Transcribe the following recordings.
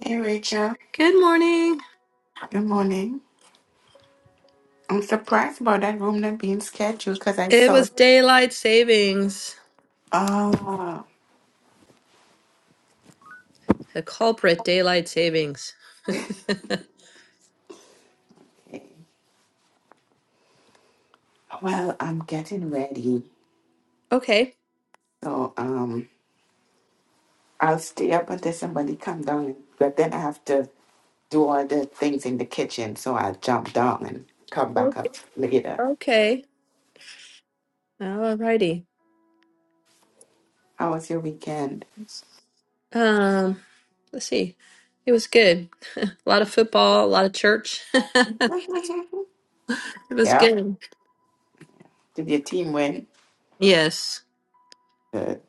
Hey, Rachel. Good morning. Good morning. I'm surprised about that room not being scheduled because I It saw it. was daylight savings. Oh, The culprit, daylight savings. okay. well, I'm getting ready. Okay. So, um, I'll stay up until somebody come down, but then I have to do all the things in the kitchen. So I'll jump down and come back Okay. up later. Okay. Alrighty. How was your weekend? Um, let's see. It was good. A lot of football, a lot of church. it was yeah. good. Did your team win? Yes. Good.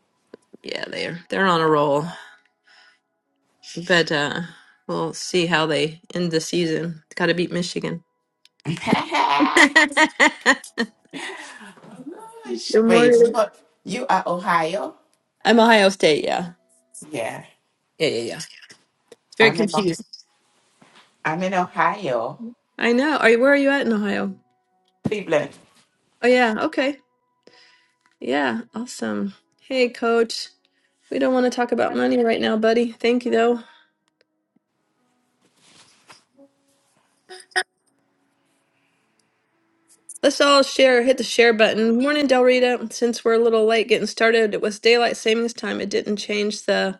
Yeah, they're they're on a roll. But uh we'll see how they end the season. Gotta beat Michigan. oh, good gosh. Wait, morning. look, you are Ohio? I'm Ohio State, yeah. Yeah. Yeah, yeah, yeah. Very I'm in confused. I'm in Ohio, I know. Are you, where are you at in Ohio? Cleveland. Oh yeah, okay. Yeah, awesome. Hey coach. We don't want to talk about money right now, buddy. Thank you though. Let's all share, hit the share button. Morning, Del Rita. Since we're a little late getting started, it was daylight savings time. It didn't change the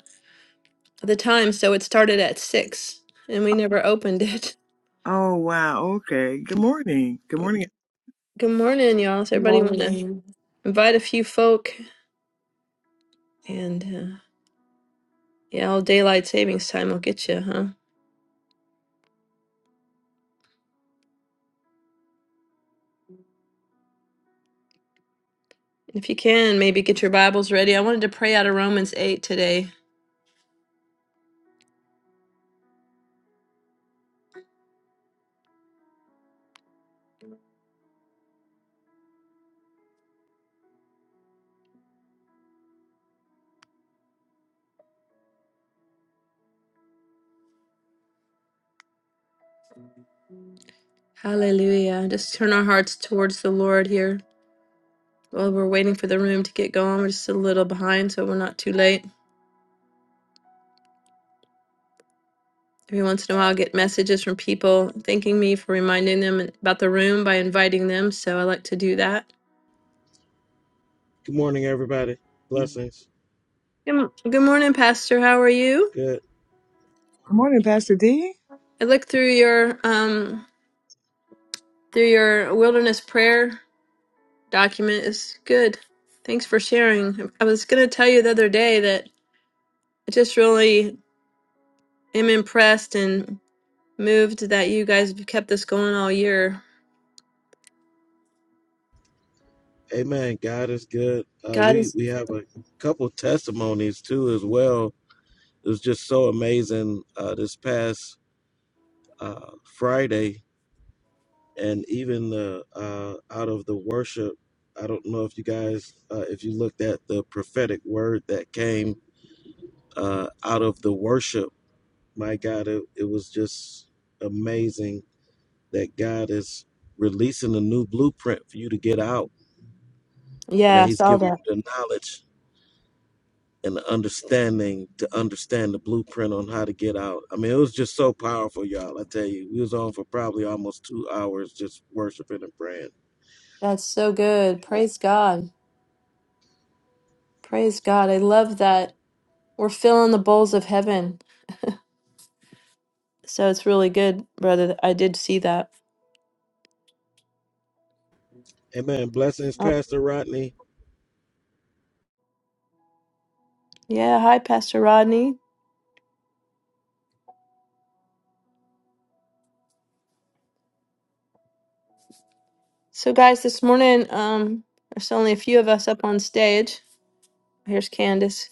the time, so it started at six and we never opened it. Oh, wow. Okay. Good morning. Good morning. Good morning, y'all. So everybody wanna Morning. invite a few folk and uh, yeah, all daylight savings time will get you, huh? If you can, maybe get your Bibles ready. I wanted to pray out of Romans 8 today Hallelujah. Just turn our hearts towards the Lord here while we're waiting for the room to get going. We're just a little behind, so we're not too late. Every once in a while, I get messages from people thanking me for reminding them about the room by inviting them, so I like to do that. Good morning, everybody. Blessings. Good, m- good morning, Pastor. How are you? Good. Good morning, Pastor D. I looked through your um through your wilderness prayer document. It's good. Thanks for sharing. I was going to tell you the other day that I just really am impressed and moved that you guys have kept this going all year. Amen. God is good. Uh, God we is, we have a couple testimonies too as well. It was just so amazing uh, this past uh, Friday, and even the uh, out of the worship. I don't know if you guys, uh, if you looked at the prophetic word that came uh, out of the worship. My God, it, it was just amazing that God is releasing a new blueprint for you to get out and that yeah, I he's saw giving that. you the knowledge and the understanding to understand the blueprint on how to get out. I mean, it was just so powerful, y'all. I tell you, we was on for probably almost two hours just worshiping and praying. That's so good. Amen. Praise God. Praise God. I love that. We're filling the bowls of heaven. So it's really good, brother. I did see that. Amen. Blessings, Oh, Pastor Rodney. yeah. Hi, Pastor Rodney. So, guys, this morning, um, there's only a few of us up on stage. Here's Candace.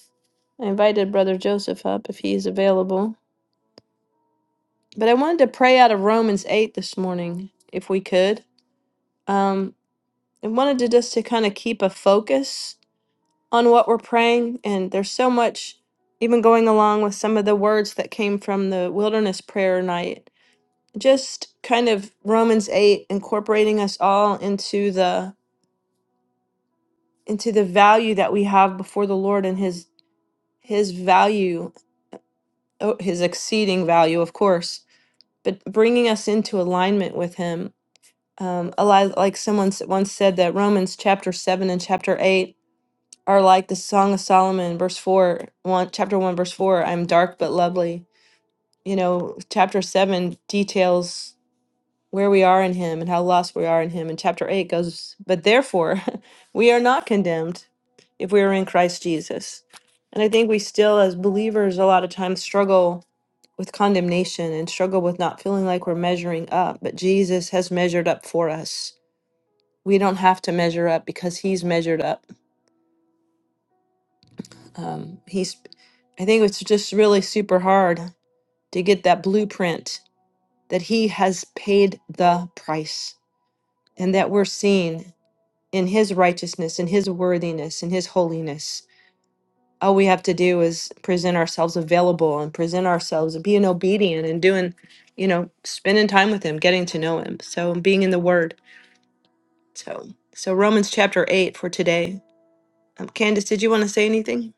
I invited Brother Joseph up if he's available. But I wanted to pray out of Romans 8 this morning, if we could. Um. and wanted to just to kind of keep a focus on what we're praying and there's so much even going along with some of the words that came from the wilderness prayer night just kind of romans 8 incorporating us all into the into the value that we have before the lord and his his value oh, his exceeding value of course but bringing us into alignment with him um, a lot like someone s- once said that romans chapter 7 and chapter 8 are like the Song of Solomon, verse four, one chapter one, verse four. I'm dark but lovely. You know, chapter seven details where we are in Him and how lost we are in Him, and chapter eight goes, but therefore, we are not condemned if we are in Christ Jesus. And I think we still, as believers, a lot of times struggle with condemnation and struggle with not feeling like we're measuring up. But Jesus has measured up for us. We don't have to measure up because He's measured up um, he's i think it's just really super hard to get that blueprint that he has paid the price and that we're seen in his righteousness in his worthiness in his holiness all we have to do is present ourselves available and present ourselves and being obedient and doing you know spending time with him getting to know him so being in the word so so romans chapter 8 for today um, candace did you want to say anything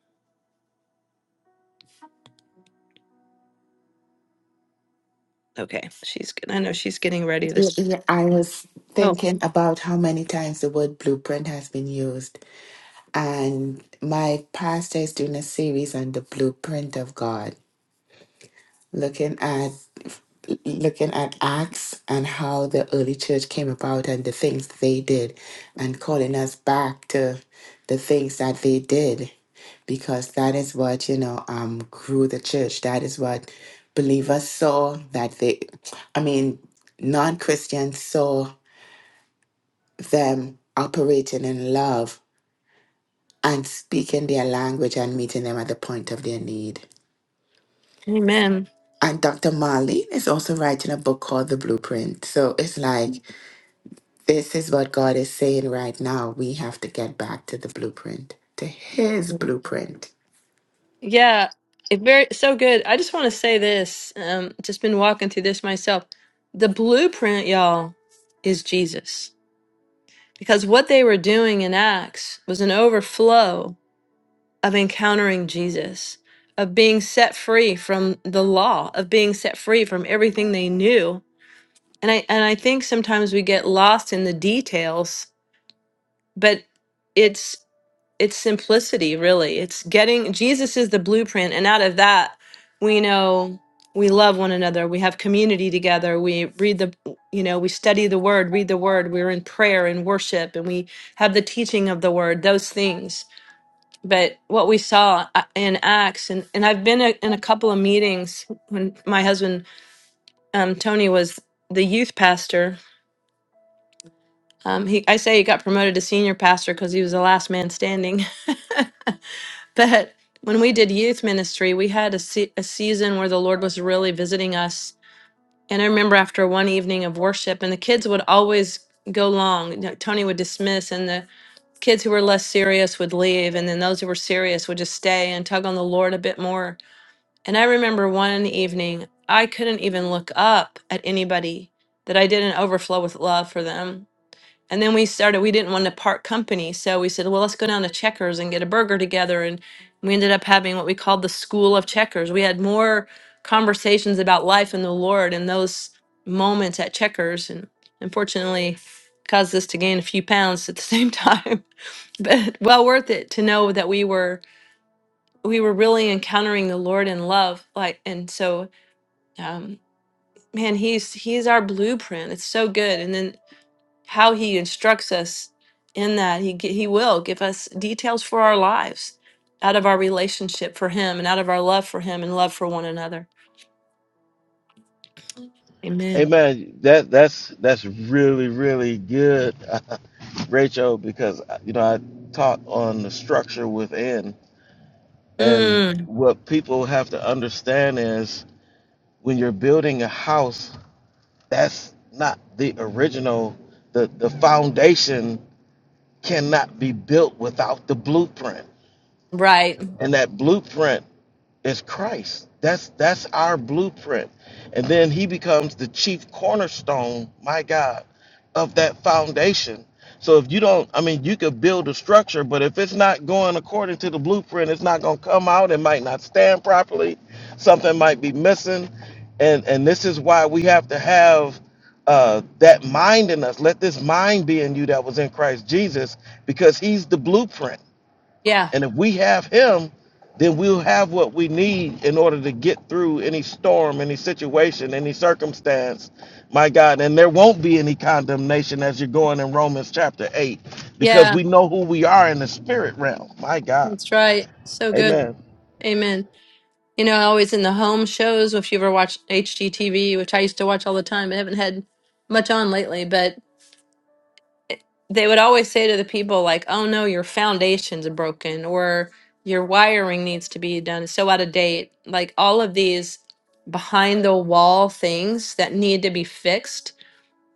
okay she's good i know she's getting ready Yeah, this yeah, I was thinking about how many times the word blueprint has been used, and my pastor is doing a series on the blueprint of God, looking at looking at Acts and how the early church came about and the things they did, and calling us back to the things that they did, because that is what you know um grew the church. That is what believers saw that they, I mean, non Christians saw them operating in love and speaking their language and meeting them at the point of their need. Amen. And Dr. Marlene is also writing a book called The Blueprint. So it's like This is what God is saying right now. We have to get back to the blueprint, to His blueprint. Yeah, it very so good. I just want to say this. Um, just been walking through this myself. The blueprint, y'all, is Jesus. Because what they were doing in Acts was an overflow of encountering Jesus, of being set free from the law, of being set free from everything they knew. And I and I think sometimes we get lost in the details, but it's it's simplicity really it's getting jesus is the blueprint and out of that we know we love one another we have community together we read the you know we study the word read the word we're in prayer and worship and we have the teaching of the word those things but what we saw uh, in acts and, and i've been a, in a couple of meetings when my husband um, tony was the youth pastor um, he, i say he got promoted to senior pastor because he was the last man standing But when we did youth ministry, we had a, se- a season where the Lord was really visiting us. And I remember after one evening of worship, and the kids would always go long. you know, Tony would dismiss, and the kids who were less serious would leave. And then those who were serious would just stay and tug on the Lord a bit more. And I remember one evening, I couldn't even look up at anybody that I didn't overflow with love for them and then we started, we didn't want to part company. So we said, well, let's go down to Checkers and get a burger together. And we ended up having what we called the School of Checkers. We had more conversations about life and the Lord in those moments at Checkers. And unfortunately, caused us to gain a few pounds at the same time. But well worth it to know that we were we were really encountering the Lord in love. Like and so um man, he's he's our blueprint. It's so good. And then how he instructs us in that he gi- he will give us details for our lives out of our relationship for him and out of our love for him and love for one another amen Amen. That that's that's really really good, Rachel. Because you know I taught on the structure within, and mm, what people have to understand is when you're building a house that's not the original the the foundation cannot be built without the blueprint right and that blueprint is Christ. That's that's our blueprint. And then he becomes the chief cornerstone, my God, of that foundation. So if you don't, I mean, you could build a structure, but if it's not going according to the blueprint, it's not going to come out. It might not stand properly. Something might be missing. And and this is why we have to have uh, that mind in us. Let this mind be in you that was in Christ Jesus, because he's the blueprint yeah and if we have him, then we'll have what we need in order to get through any storm, any situation, any circumstance. My God, and there won't be any condemnation as you're going in Romans chapter 8 because yeah we know who we are in the spirit realm. My God. that's right so good Amen. amen you know always in the home shows if you ever watch hgtv which i used to watch all the time i haven't had much on lately but. they would always say to the people like oh no your foundations are broken or your wiring needs to be done it's so out of date like all of these behind the wall things that need to be fixed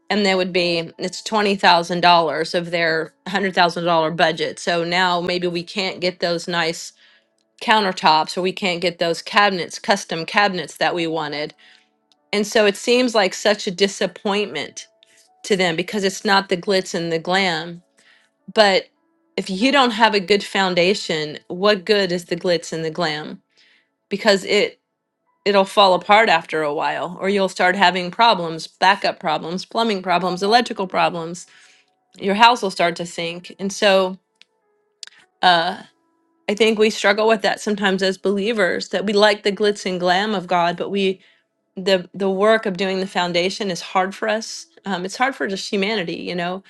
and they would be it's $20000 of their $100000 budget so now maybe we can't get those nice countertops or we can't get those cabinets custom cabinets that we wanted and so it seems like such a disappointment to them because it's not the glitz and the glam but if you don't have a good foundation, what good is the glitz and the glam? Because it it'll fall apart after a while or you'll start having problems, backup problems, plumbing problems, electrical problems. Your house will start to sink. And so uh I think we struggle with that sometimes as believers that we like the glitz and glam of God, but we the the work of doing the foundation is hard for us. Um, it's hard for just humanity, you know.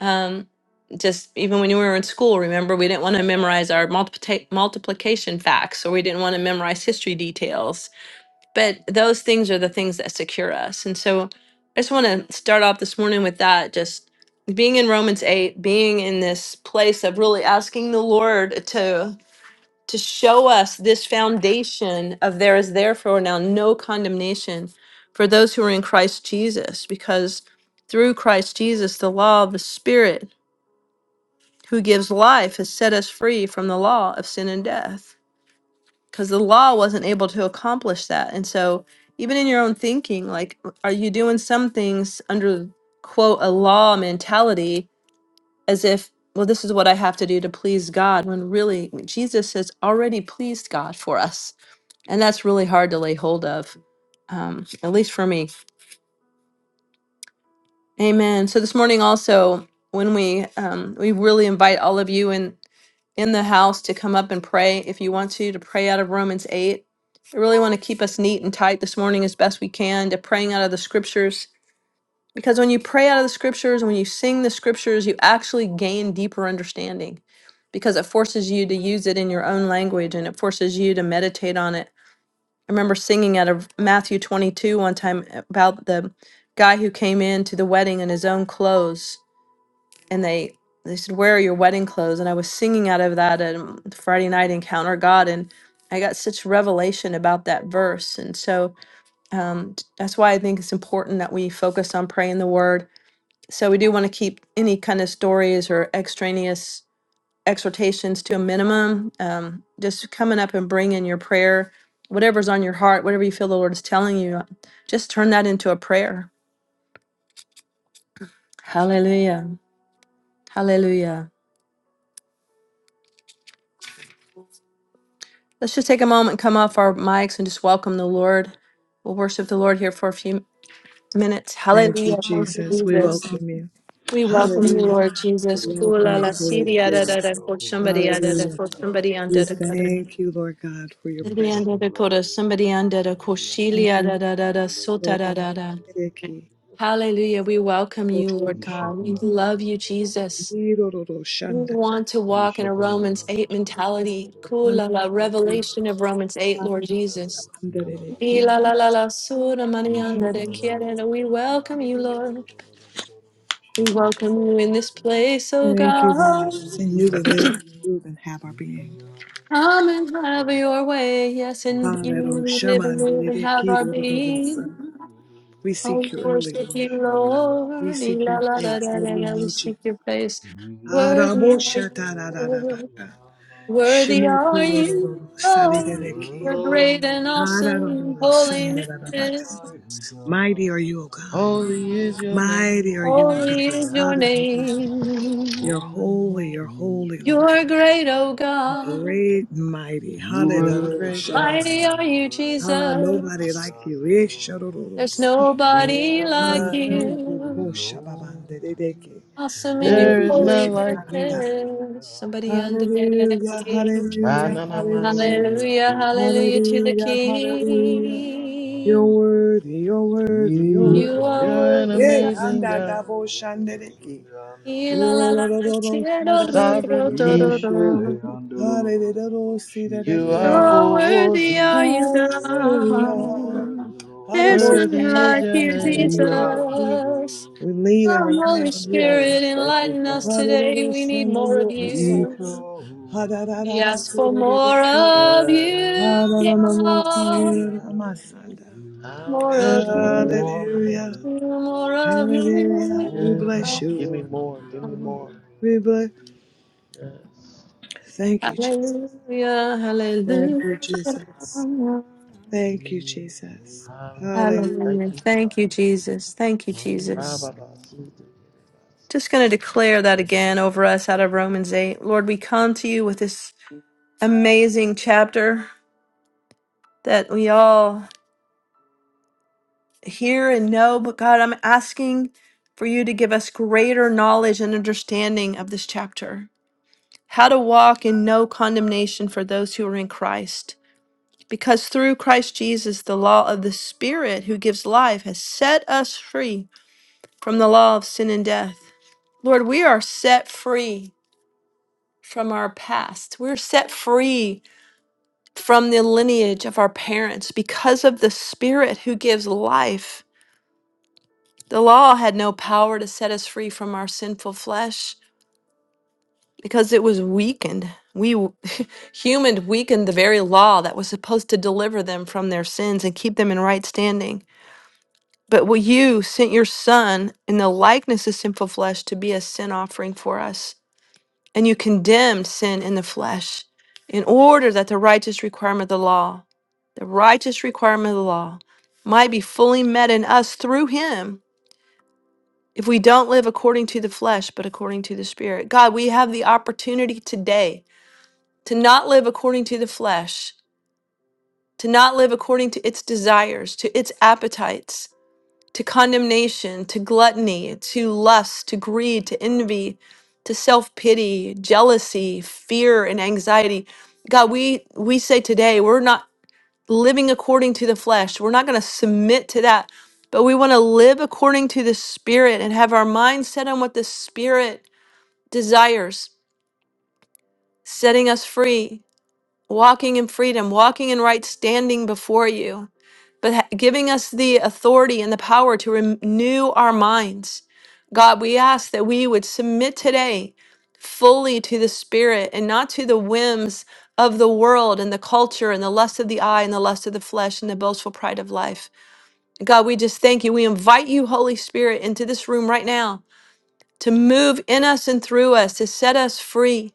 Um, just even when we were in school, remember we didn't want to memorize our multiplica- multiplication facts, or we didn't want to memorize history details. But those things are the things that secure us. And so, I just want to start off this morning with that. Just being in Romans eight, being in this place of really asking the Lord to to show us this foundation of there is therefore now no condemnation for those who are in Christ Jesus, because through Christ Jesus, the law of the Spirit who gives life has set us free from the law of sin and death. Because the law wasn't able to accomplish that. And so, even in your own thinking, like, are you doing some things under quote a law mentality as if, well, this is what I have to do to please God, when really Jesus has already pleased God for us and that's really hard to lay hold of, um, at least for me. Amen. So this morning also, when we um, we really invite all of you in in the house to come up and pray if you want to to pray out of Romans eight. I really want to keep us neat and tight this morning as best we can to praying out of the scriptures because when you pray out of the scriptures and when you sing the scriptures, you actually gain deeper understanding because it forces you to use it in your own language and it forces you to meditate on it I remember singing out of Matthew 22 one time about the guy who came in to the wedding in his own clothes and they they said where are your wedding clothes and I was singing out of that at um, Friday night encounter God and I got such revelation about that verse and so um, t- that's why I think it's important that we focus on praying the word so we do want to keep any kind of stories or extraneous exhortations to a minimum. Um, just coming up and bringing your prayer, whatever's on your heart, whatever you feel the Lord is telling you, just turn that into a prayer. Hallelujah. Hallelujah. Let's just take a moment, come off our mics, and just welcome the Lord. We'll worship the Lord here for a few minutes. Thank you, Hallelujah. Thank you, Jesus. We Jesus. welcome you. We welcome you, Hallelujah. Lord Jesus. We Ishoko welcome Kula you, la Holy siria da da Spirit. da ko somebody da da da Hallelujah. ko somebody We under the cutter. thank you, Lord God, for your Somebody presence. under the coda, somebody under the koshilia da da da da sota da da da. Thank you, Hallelujah. We welcome you, Lord. Lord God. We love you, Jesus. We want to walk in a Romans 8 mentality. Kula la revelation of Romans 8, Lord Jesus. Y la la la la sura manianda de quiere. We welcome you, Lord. We welcome you in this place, oh where God. you And newly live, Lord, move, and have our being. Come and have your way. Yes, and you we Hallelujah. live and move and have our being. We Oh, seek you early, worship Lord. you, We Lord. Y seek la your la da face, da Lord. da We da. We need you. seek your face. Worthy are you, Araboshatarabaka. Lord. Worthy are you, Shimotorororo. We Lord. give you Sarirereki. You're glory. great and awesome, Ararororo. holiness. you are Sandarabaka. mighty Mighty are God, you, O God. Holy hallelujah, is your name. Mighty are you, Oh, O awesome God. God. Hallelujah. You're Holy, holy, you're holy is holy, your Lord. you're great, oh name. God, Great and mighty. You were You're a Hallelujah. great, great great Shaman. to might God. be is Ah, nobody great. us. like you. Ishorororo. There's Honorable, she You he are like honored. mighty. Sandarabako. you, No one Shababandedeke. like you, awesome in Oh, your There Lord. we is lift none you holiness. like high, God. you. Yandele, Somebody yandele, under the yandele. Hallelujah, Right hallelujah, on my hallelujah, Ikolo, sick. Hallelujah, yandele, hallelujah to the hallelujah, yandele, hallelujah. You're King. worthy, yandele. you're worthy, you're You're worthy. Ikolo, You're an the Yeah, God. and amazing that God. double shandeliki. La yandele, la Hallelujah. yandele. la Sovereign King, Ishele la, andolololobo Hallelujah. shiki you are So andele worthy holy. are andele you, and you God. worthy There's Lord. none Worthy is like your you, name. Hallelujah. Jesus. We Iandelo lean and Come, rely Holy on you, O yande. Yes, God. Spirit, thank you, enlighten us Father. today. Hallelujah, We need more of you are so. Iko you. We andele ask for andelo. more of Yes, you, ha Yuki God. andele andelo. I More want of We more of you, walk you. on the Hallelujah. right more of places. you, more Hallelujah. of you, We Oko bless Yes, you, give me Lord. more. Give me God. more. yandele We bless. andele. Yes, give andele. Thank me you, more. Jesus. Hallelujah, Thank hallelujah. you, Jesus. Thank you, Amen. Jesus. Hallelujah. Hallelujah. Thank Hallelujah. you, Thank you, Father. Jesus. Thank you, Jesus. Rababasita kerebasa. Just going to declare that again over us out of Romans 8. Lord, we come to you with this amazing chapter that we all hear and know, but God, I'm asking for you to give us greater knowledge and understanding of this chapter. How to walk in no condemnation for those who are in Christ. Because through Christ Jesus, the law of the Spirit who gives life has set us free from the law of sin and death. Lord, we are set free from our past. We're set free from the lineage of our parents because of the Spirit who gives life. The law had no power to set us free from our sinful flesh because it was weakened. We w- human weakened the very law that was supposed to deliver them from their sins and keep them in right standing. But what you sent your son in the likeness of sinful flesh to be a sin offering for us. and you condemned sin in the flesh in order that the righteous requirement of the law, the righteous requirement of the law, might be fully met in us through him if we don't live according to the flesh, but according to the Spirit. God, we have the opportunity today to not live according to the flesh, to not live according to its desires, to its appetites. to condemnation, to gluttony, to lust, to greed, to envy, to self-pity, jealousy, fear and anxiety. God, we we say today we're not living according to the flesh. We're not going to submit to that, but we want to live according to the spirit and have our mind set on what the spirit desires, setting us free walking in freedom, walking in right standing before you, but ha- giving us the authority and the power to renew our minds. God, we ask that we would submit today fully to the Spirit and not to the whims of the world and the culture and the lust of the eye and the lust of the flesh and the boastful pride of life. God, we just thank you. We invite you, Holy Spirit, into this room right now to move in us and through us to set us free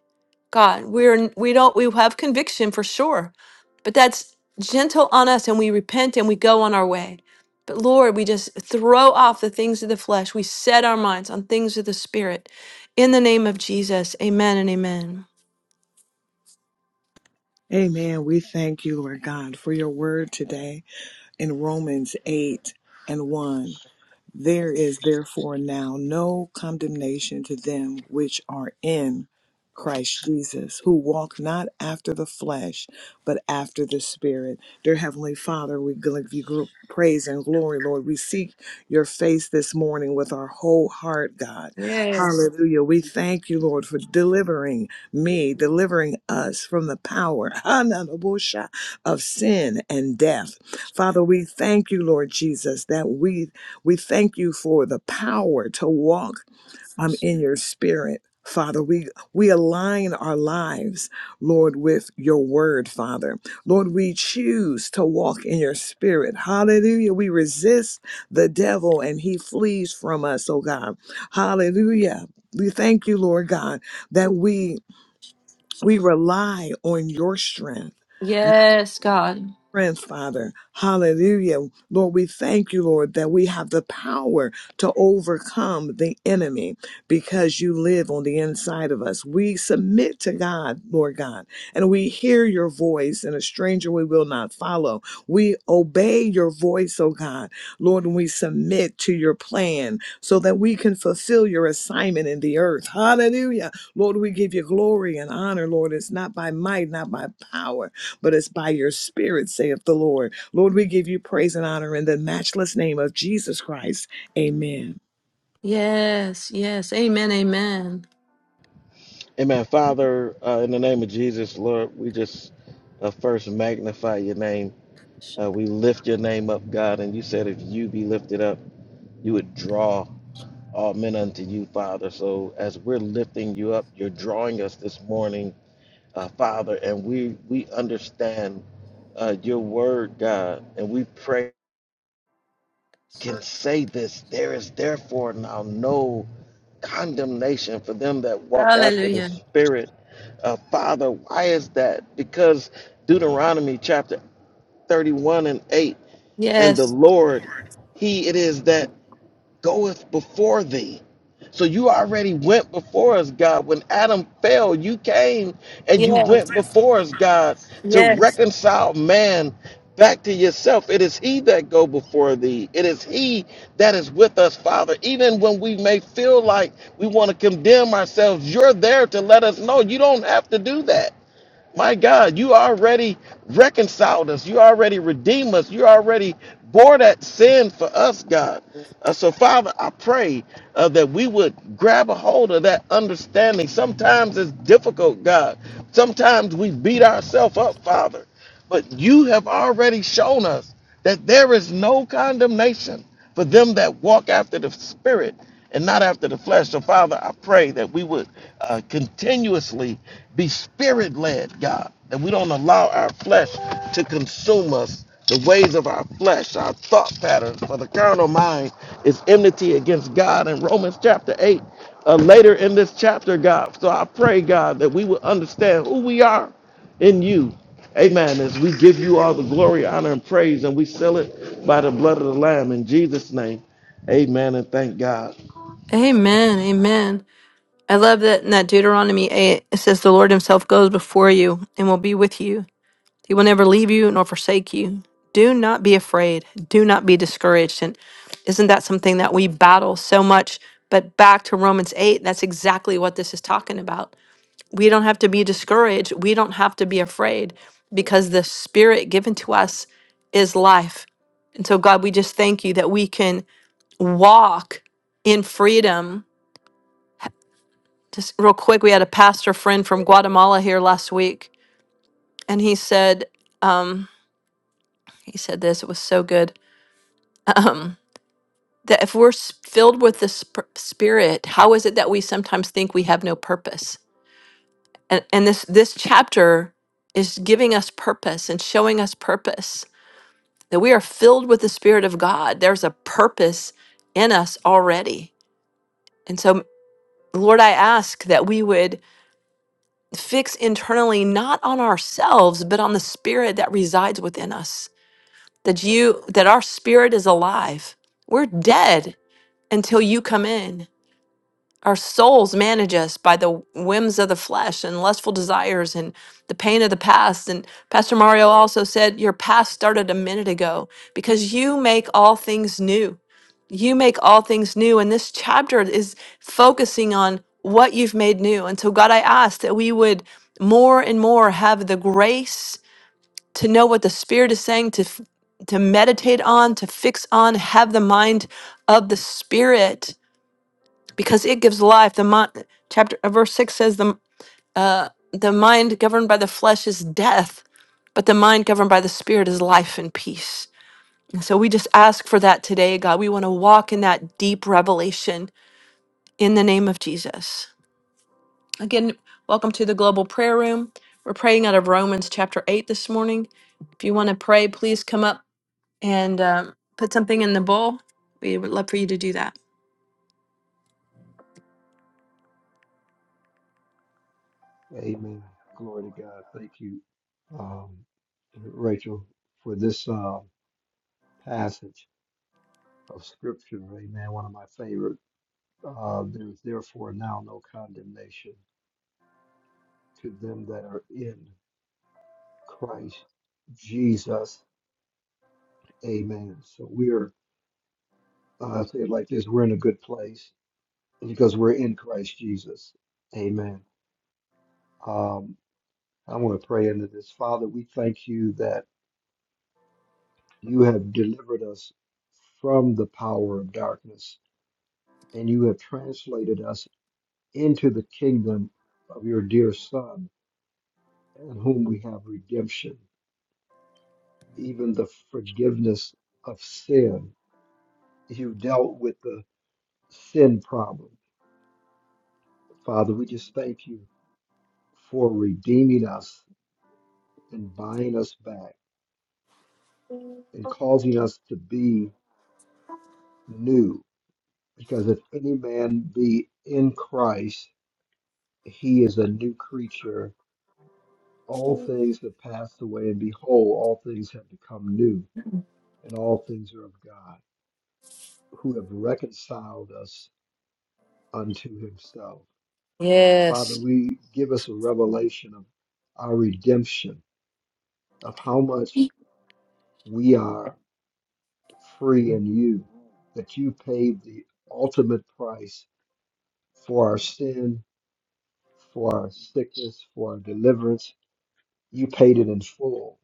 god we're we don't we have conviction for sure but that's gentle on us and we repent and we go on our way but lord we just throw off the things of the flesh we set our minds on things of the spirit in the name of jesus amen and amen Amen. We thank you, Lord God, for your word today in Romans 8 and 1. There is therefore now no condemnation to them which are in Christ Jesus, who walk not after the flesh, but after the Spirit. Dear Heavenly Father, we give you gr- praise and glory, Lord. We seek your face this morning with our whole heart, God. yes Hallelujah. We thank you, Lord, for delivering me, delivering us from the power of sin and death. Father, we thank you, Lord Jesus, that we we thank you for the power to walk um, in your spirit. Father, we, we align our lives, Lord, with your word, Father. Lord, we choose to walk in your spirit. Hallelujah. We resist the devil and he flees from us, oh God. Hallelujah. We thank you, Lord God, that we we rely on your strength yes god friends, Father. Hallelujah. Lord, we thank you, Lord, that we have the power to overcome the enemy because you live on the inside of us. We submit to God, Lord God, and we hear your voice, and a stranger we will not follow. We obey your voice, oh God. Lord, and we submit to your plan so that we can fulfill your assignment in the earth. Hallelujah. Lord, we give you glory and honor, Lord. It's not by might, not by power but it's by your spirit, saith the Lord. Lord, we give you praise and honor in the matchless name of Jesus Christ. Amen. yes yes amen amen Amen. Father, uh, in the name of Jesus, Lord, we just uh, first magnify your name. Uh, we lift your name up, God, and you said if you be lifted up. You would draw all men unto you, Father. So as we're lifting you up, you're drawing us this morning, uh, Father, and we we understand uh, your word, God, and we pray can say this. There is therefore now no condemnation for them that walk after the hallelujah Spirit. Uh, Father, why is that? Because Deuteronomy chapter 31 and 8, and the yes Lord, He it is that. goeth before thee. So you already went before us, God. When Adam fell, you came and you yes went before us, God, to yes reconcile man back to yourself. It is he that go before thee. It is he that is with us, Father. Even when we may feel like we want to condemn ourselves, you're there to let us know you don't have to do that. My God, you already reconciled us. You already redeemed us. You already bore that sin for us, God. Uh, so, Father, I pray uh, that we would grab a hold of that understanding. Sometimes it's difficult, God. Sometimes we beat ourselves up, Father. But you have already shown us that there is no condemnation for them that walk after the Spirit and not after the flesh. So, Father, I pray that we would uh, continuously be Spirit led, God, that we don't allow our flesh to consume us. The ways of our flesh, our thought patterns, for the carnal mind is enmity against God. In Romans chapter 8, uh, later in this chapter, God. So I pray, God, that we would understand who we are in you. Amen. As we give you all the glory, honor, and praise, and we seal it by the blood of the Lamb in Jesus' name. Amen. And thank God. amen amen I love that in that Deuteronomy 8, it says, The Lord Himself goes before you and will be with you. He will never leave you nor forsake you. Do not be afraid. Do not be discouraged. And isn't that something that we battle so much? But back to Romans 8, that's exactly what this is talking about. We don't have to be discouraged. We don't have to be afraid because the Spirit given to us is life. And so, God, we just thank you that we can walk in freedom just real quick, we had a pastor friend from Guatemala here last week, and he said, um, he said this. It was so good. Um, that if we're s- filled with the sp- Spirit, how is it that we sometimes think we have no purpose? And, and this this chapter is giving us purpose and showing us purpose that we are filled with the Spirit of God. There's a purpose in us already, and so Lord, I ask that we would fix internally not on ourselves but on the spirit that resides within us that you that our spirit is alive we're dead until you come in our souls manage us by the whims of the flesh and lustful desires and the pain of the past. And Pastor Mario also said, Your past started a minute ago because you make all things new. You make all things new. And this chapter is focusing on what you've made new. And so, God, I ask that we would more and more have the grace to know what the Spirit is saying, to, f- to meditate on, to fix on, have the mind of the Spirit because it gives life. The mind, chapter uh, verse six says the uh, the mind governed by the flesh is death, but the mind governed by the spirit is life and peace. And so we just ask for that today, God. We want to walk in that deep revelation in the name of Jesus. Again, welcome to the global prayer room. We're praying out of Romans chapter eight this morning. If you want to pray, please come up and um, put something in the bowl. We would love for you to do that. Glory to God. Thank you, um, Rachel, for this uh, passage of Scripture. Amen. One of my favorite. Uh, there is therefore now no condemnation to them that are in Christ Jesus. Amen. So we're, uh, say it like this, we're in a good place because we're in Christ Jesus. Amen. Um, I want to pray into this. Father, we thank you that you have delivered us from the power of darkness and you have translated us into the kingdom of your dear Son, in whom we have redemption, even the forgiveness of sin. You dealt with the sin problem. Father, we just thank you for redeeming us and buying us back and causing us to be new Because if any man be in Christ, he is a new creature. All things have passed away, and behold, all things have become new, and all things are of God, who have reconciled us unto himself. Father, Yes. we give us a revelation of our redemption, of how much we are free in you, that you paid the ultimate price for our sin, for our sickness, for our deliverance You paid it in full,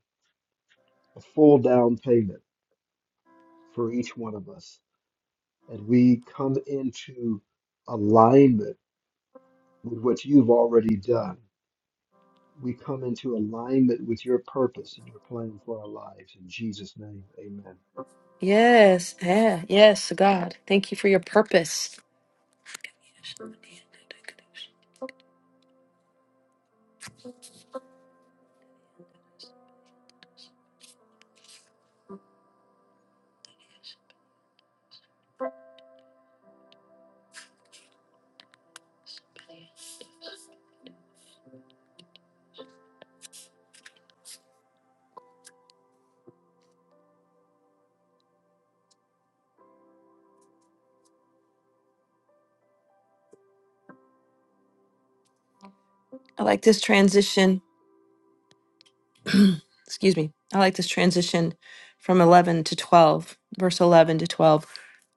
a full down payment for each one of us. And we come into alignment with what you've already done. We come into alignment with your purpose and your plan for our lives. In Jesus' name, amen. Yes, yeah, yes, God. Thank you for your purpose. I like this transition. Excuse me. I like this transition from 11 to 12, verse 11 to 12.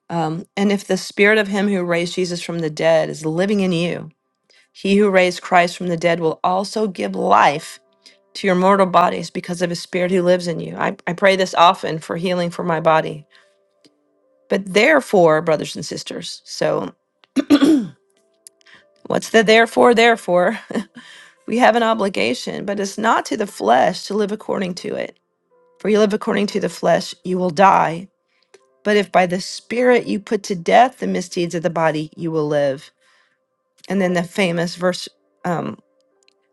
Um, and if the spirit of him who raised Jesus from the dead is living in you, he who raised Christ from the dead will also give life to your mortal bodies because of his spirit who lives in you. I, I pray this often for healing for my body. But therefore, brothers and sisters, so What's the therefore, therefore? We have an obligation, but it's not to the flesh to live according to it. For you live according to the flesh, you will die. But if by the Spirit you put to death the misdeeds of the body, you will live. And then the famous verse um,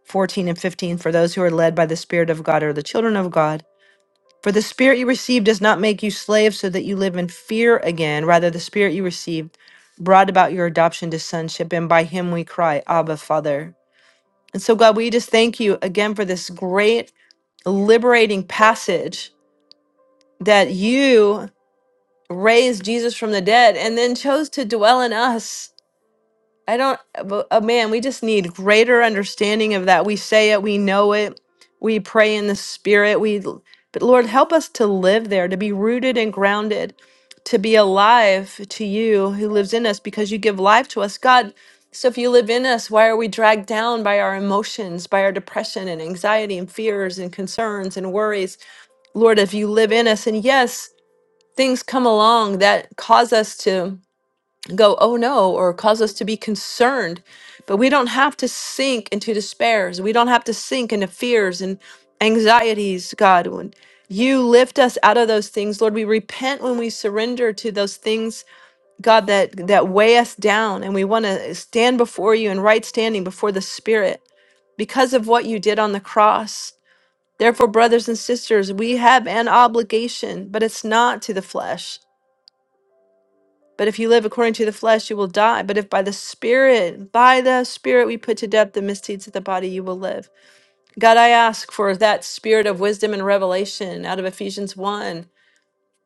14 and 15 for those who are led by the Spirit of God are the children of God. For the Spirit you received does not make you slaves so that you live in fear again. Rather, the Spirit you received brought about your adoption to sonship, and by him we cry, Abba, Father. And so, God, we just thank you again for this great liberating passage that you raised Jesus from the dead and then chose to dwell in us I don't, but, uh, man, we just need greater understanding of that. We say it, we know it, we pray in the spirit. We, l- but Lord, help us to live there, to be rooted and grounded, to be alive to you who lives in us because you give life to us. God, so if you live in us, why are we dragged down by our emotions, by our depression and anxiety and fears and concerns and worries? Lord, if you live in us, and yes, things come along that cause us to go, oh no, or cause us to be concerned. But we don't have to sink into despairs. We don't have to sink into fears and anxieties, God. When you lift us out of those things, Lord, we repent when we surrender to those things, God, that, that weigh us down. And we want to stand before you in right standing before the Spirit because of what you did on the cross. Therefore, brothers and sisters, we have an obligation, but it's not to the flesh. But if you live according to the flesh, you will die. But if by the Spirit, by the Spirit, we put to death the misdeeds of the body, you will live. God, I ask for that spirit of wisdom and revelation out of Ephesians 1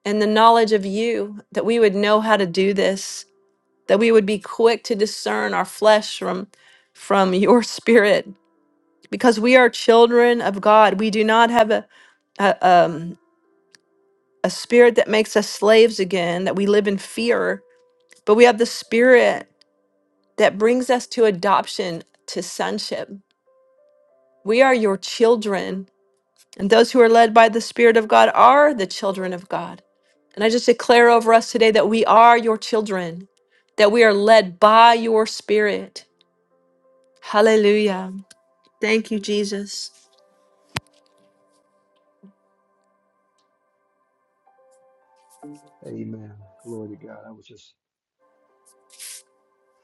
and the knowledge of you, that we would know how to do this, that we would be quick to discern our flesh from, from your spirit, because we are children of God. We do not have a, a, um, a spirit that makes us slaves again, that we live in fear, but we have the spirit. that brings us to adoption to sonship. We are your children, and those who are led by the Spirit of God are the children of God. And I just declare over us today that we are your children, that we are led by your Spirit. Hallelujah. Thank you, Jesus. Amen. Glory to God. I was just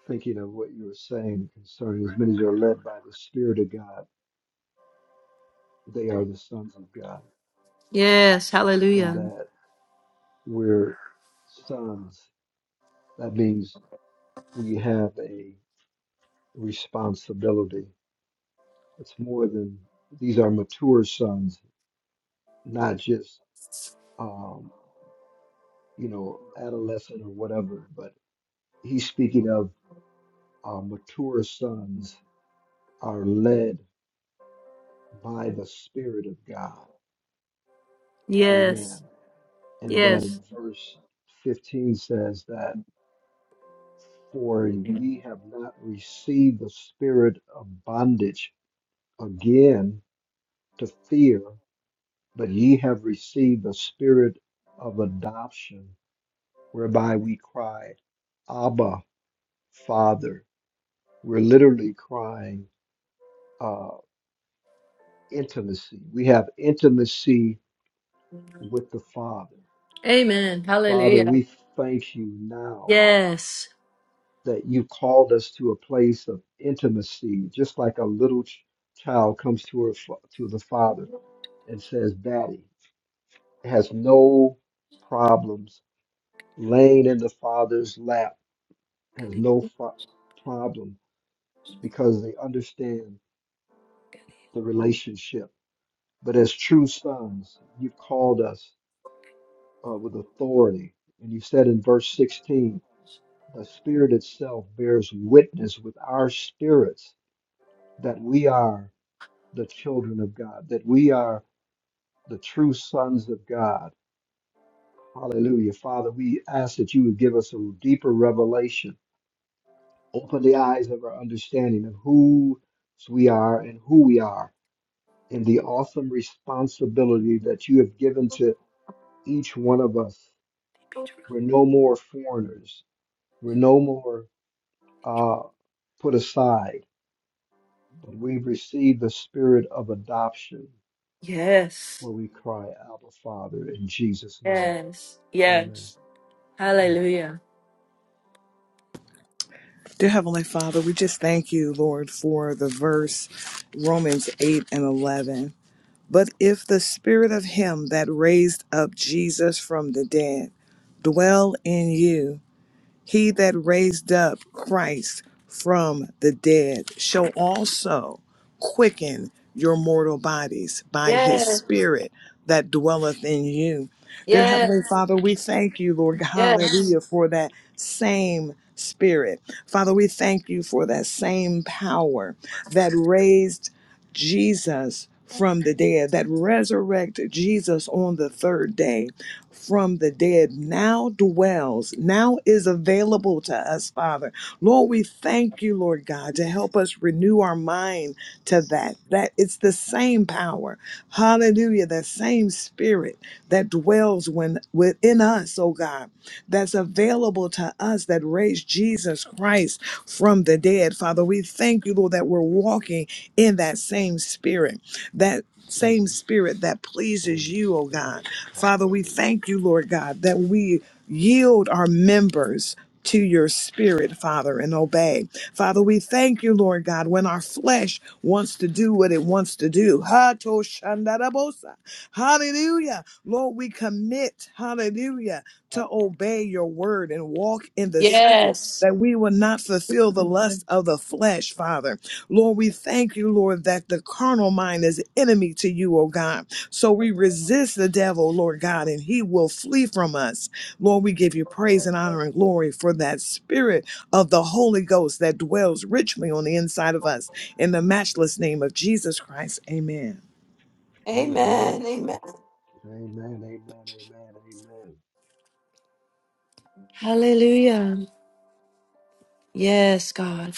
thinking of what you were saying concerning as many as are led by the Spirit of God, they are the sons of God, Yes, and hallelujah. that we're sons. That means we have a responsibility. It's more than these are mature sons, not just um, you know adolescent or whatever. But he's speaking of uh, mature sons are led by the Spirit of God. Amen. Yes, And that in yes. verse 15 says that for ye have not received the spirit of bondage again to fear, but ye have received the spirit of adoption whereby we cry, Abba, Father. We're literally crying uh, intimacy. We have intimacy with the Father. Amen. Father, Hallelujah. we thank you now Yes, that you called us to a place of intimacy, just like a little ch- child comes to her fa- to the father and says, "Daddy," has no problems laying in the father's lap, has no fa- problem because they understand the relationship. But as true sons, you've called us uh, with authority. And you said in verse 16, the Spirit itself bears witness with our spirits that we are the children of God, that we are the true sons of God. Hallelujah. Father, we ask that you would give us a deeper revelation, open the eyes of our understanding of who we are and who we are, and the awesome responsibility that you have given to each one of us. We're no more foreigners. We're no more uh, put aside. But we've received the spirit of adoption yes, where we cry, Abba, Father, in Jesus' name. yes, Amen. yes. Mm, Hallelujah. Dear Heavenly Father, we just thank you, Lord, for the verse Blessings. Romans 8 and 11. But if the spirit of him that raised up Jesus from the dead dwell in you, He that raised up Christ from the dead shall also quicken your mortal bodies by his Yes, spirit that dwelleth in you. Dear Heavenly yes. Father, we thank you, Lord God, Yes. hallelujah, for that same spirit. Father, we thank you for that same power that raised Jesus from the dead, that resurrected Jesus on the third day from the dead now dwells, now is available to us, Father. Lord, we thank you, Lord God, to help us renew our mind to that. That it's the same power. Hallelujah. That same spirit that dwells when within us, oh God, that's available to us that raised Jesus Christ from the dead. Father, we thank you, Lord, that we're walking in that same spirit that same Mm, spirit that pleases Thanks, you, oh Spirit. God. Father, we Hallelujah. thank you, Lord God, that we yield our members. To your spirit, Father, and obey. Father, we thank you, Lord God, when our flesh wants to do what it wants to do. Ha to shandarabosa. Hallelujah. Lord, we commit, hallelujah, to obey your word and walk in the spirit Yes. that we will not fulfill the lust of the flesh, Father. Lord, we thank you, Lord, that the carnal mind is enemy to you, oh God. So we resist the devil, Lord God, and he will flee from us. Lord, we give you praise and honor and glory for that spirit of the Holy Ghost that dwells richly on the inside of us. In the matchless name of Jesus Christ, amen. Amen. Amen. Amen. Amen. Amen. Amen. Hallelujah. Yes, God.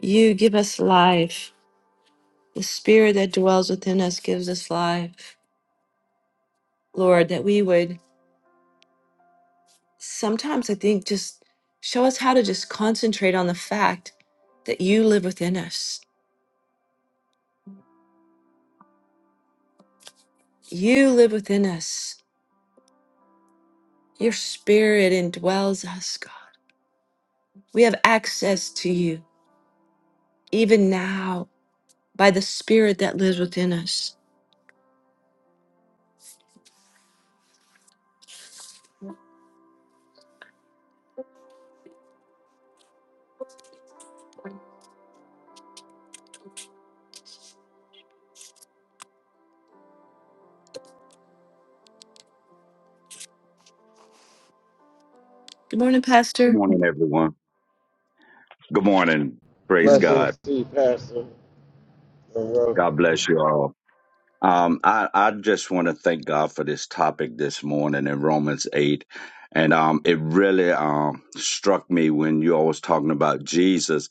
You give us life. The spirit that dwells within us gives us life. Lord, that we would sometimes, I think, just show us how to just concentrate on the fact that you live within us. You live within us. Your spirit indwells us, God. We have access to you even now by the spirit that lives within us. Good morning, Good Pastor. morning, everyone. Good morning. Praise God. Blessings to you, Pastor Monroe. God bless you all. Um, I, I just want to thank God for this topic this morning in Romans 8. And um, it really um, struck me when you all was talking about Jesus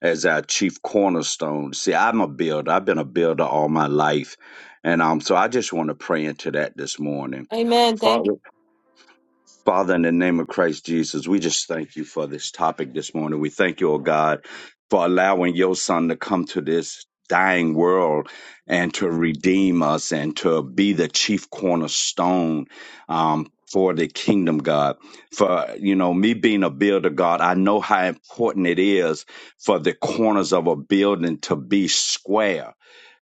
as our chief cornerstone. See, I'm a builder. I've been a builder all my life. And um, so I just want to pray into that this morning. Amen. Thank Father, in the name of Christ Jesus, we just thank you for this topic this morning. We thank you, oh God, for allowing your son to come to this dying world and to redeem us and to be the chief cornerstone um, for the kingdom, God. For, you know, me being a builder, God, I know how important it is for the corners of a building to be square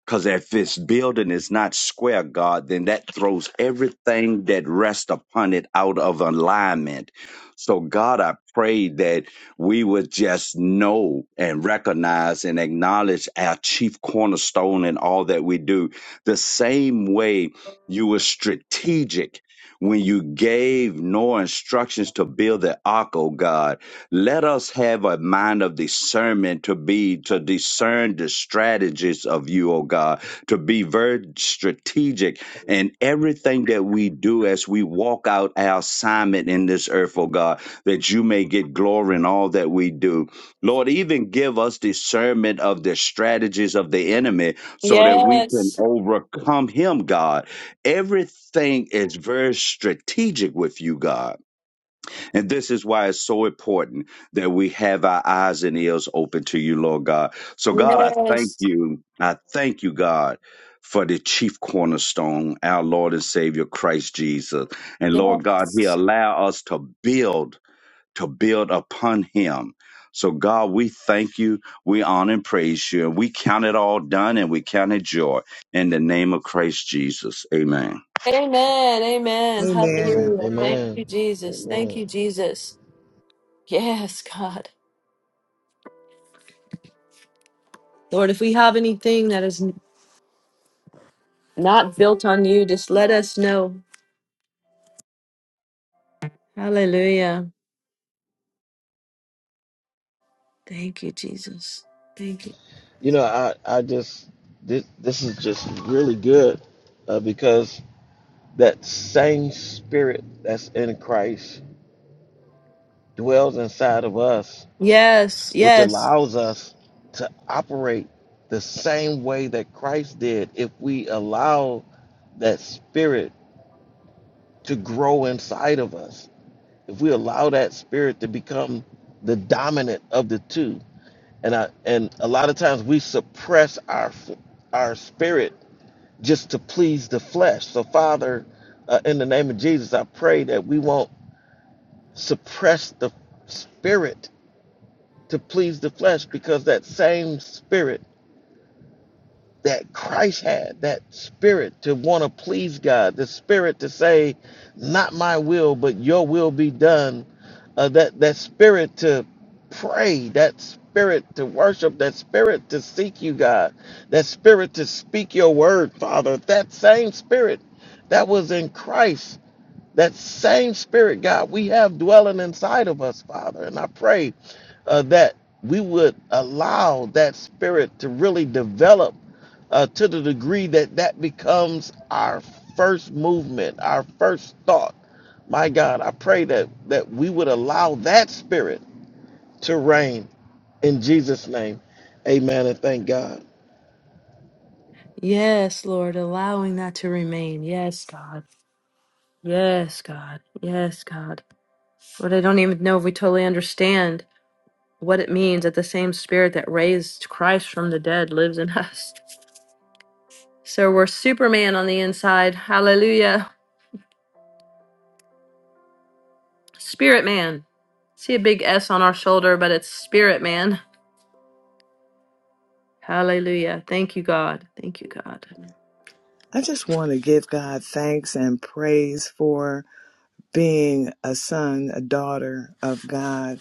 because if this building is not square, God, then that throws everything that rests upon it out of alignment. So, God, I pray that we would just know and recognize and acknowledge our chief cornerstone in all that we do. The same way you were strategic when you gave Noah instructions to build the ark, oh God let us have a mind of discernment to be, to discern the strategies of you, O God, to be very strategic in everything that we do as we walk out our assignment in this earth, O God, that you may get glory in all that we do. Lord, even give us discernment of the strategies of the enemy so that we can Yes. overcome him, God. Everything is very strategic with you, God. And this is why it's so important that we have our eyes and ears open to you, Lord God. So, God, I thank Yes. you. I thank you, God, for the chief cornerstone, our Lord and Savior, Christ Jesus. And Lord God, He Yes. allow us to build, to build upon Him. So, God, we thank you. We honor and praise you. And we count it all done and we count it joy in the name of Christ Jesus. Amen. Amen. Amen. Amen. Amen. Amen. Hallelujah. Thank Amen. Amen. you, Jesus. Amen. Thank Amen. you, Jesus. Yes, God. Lord, if we have anything that is not built on you, just let us know. Hallelujah. Thank you, Jesus. Thank you. You know, I, I just this this is just really good uh, because that same spirit that's in Christ dwells inside of us Yes. which Yes. allows us to operate the same way that Christ did if we allow that spirit to grow inside of us. If we allow that spirit to become the dominant of the two. And I and a lot of times we suppress our f- our spirit just to please the flesh. So Father, uh, in the name of Jesus, I pray that we won't suppress the spirit to please the flesh because that same spirit that Christ had, that spirit to want to please God, the spirit to say, not my will, but your will be done, uh, that, that spirit to pray, that spirit to worship, that spirit to seek you, God, that spirit to speak your word, Father, that same spirit that was in Christ that same spirit, God, we have dwelling inside of us, Father. And I pray uh, that we would allow that spirit to really develop uh, to the degree that that becomes our first movement, our first thought. My God, I pray that that we would allow that spirit to reign in Jesus' name. Amen and thank God. Yes, Lord, allowing that to remain. Yes, God. Yes, God. Yes, God. Lord, I don't even know if we totally understand. what it means that the same spirit that raised Christ from the dead lives in us. So we're Superman on the inside. Hallelujah. Spirit man. See a big S on our shoulder, but it's spirit man. Hallelujah. Thank you, God. Thank you, God. I just want to give God thanks and praise for being a son, a daughter of God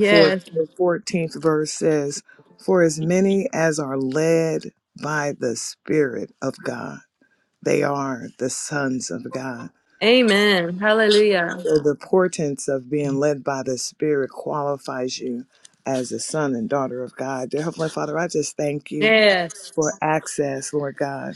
For the 14th verse says, For as many as are led by the Spirit of God, they are the sons of God. Amen. Hallelujah. So the portents of being led by the Spirit qualifies you as a son and daughter of God. Dear Heavenly Father, I just thank you Yes. for access, Lord God,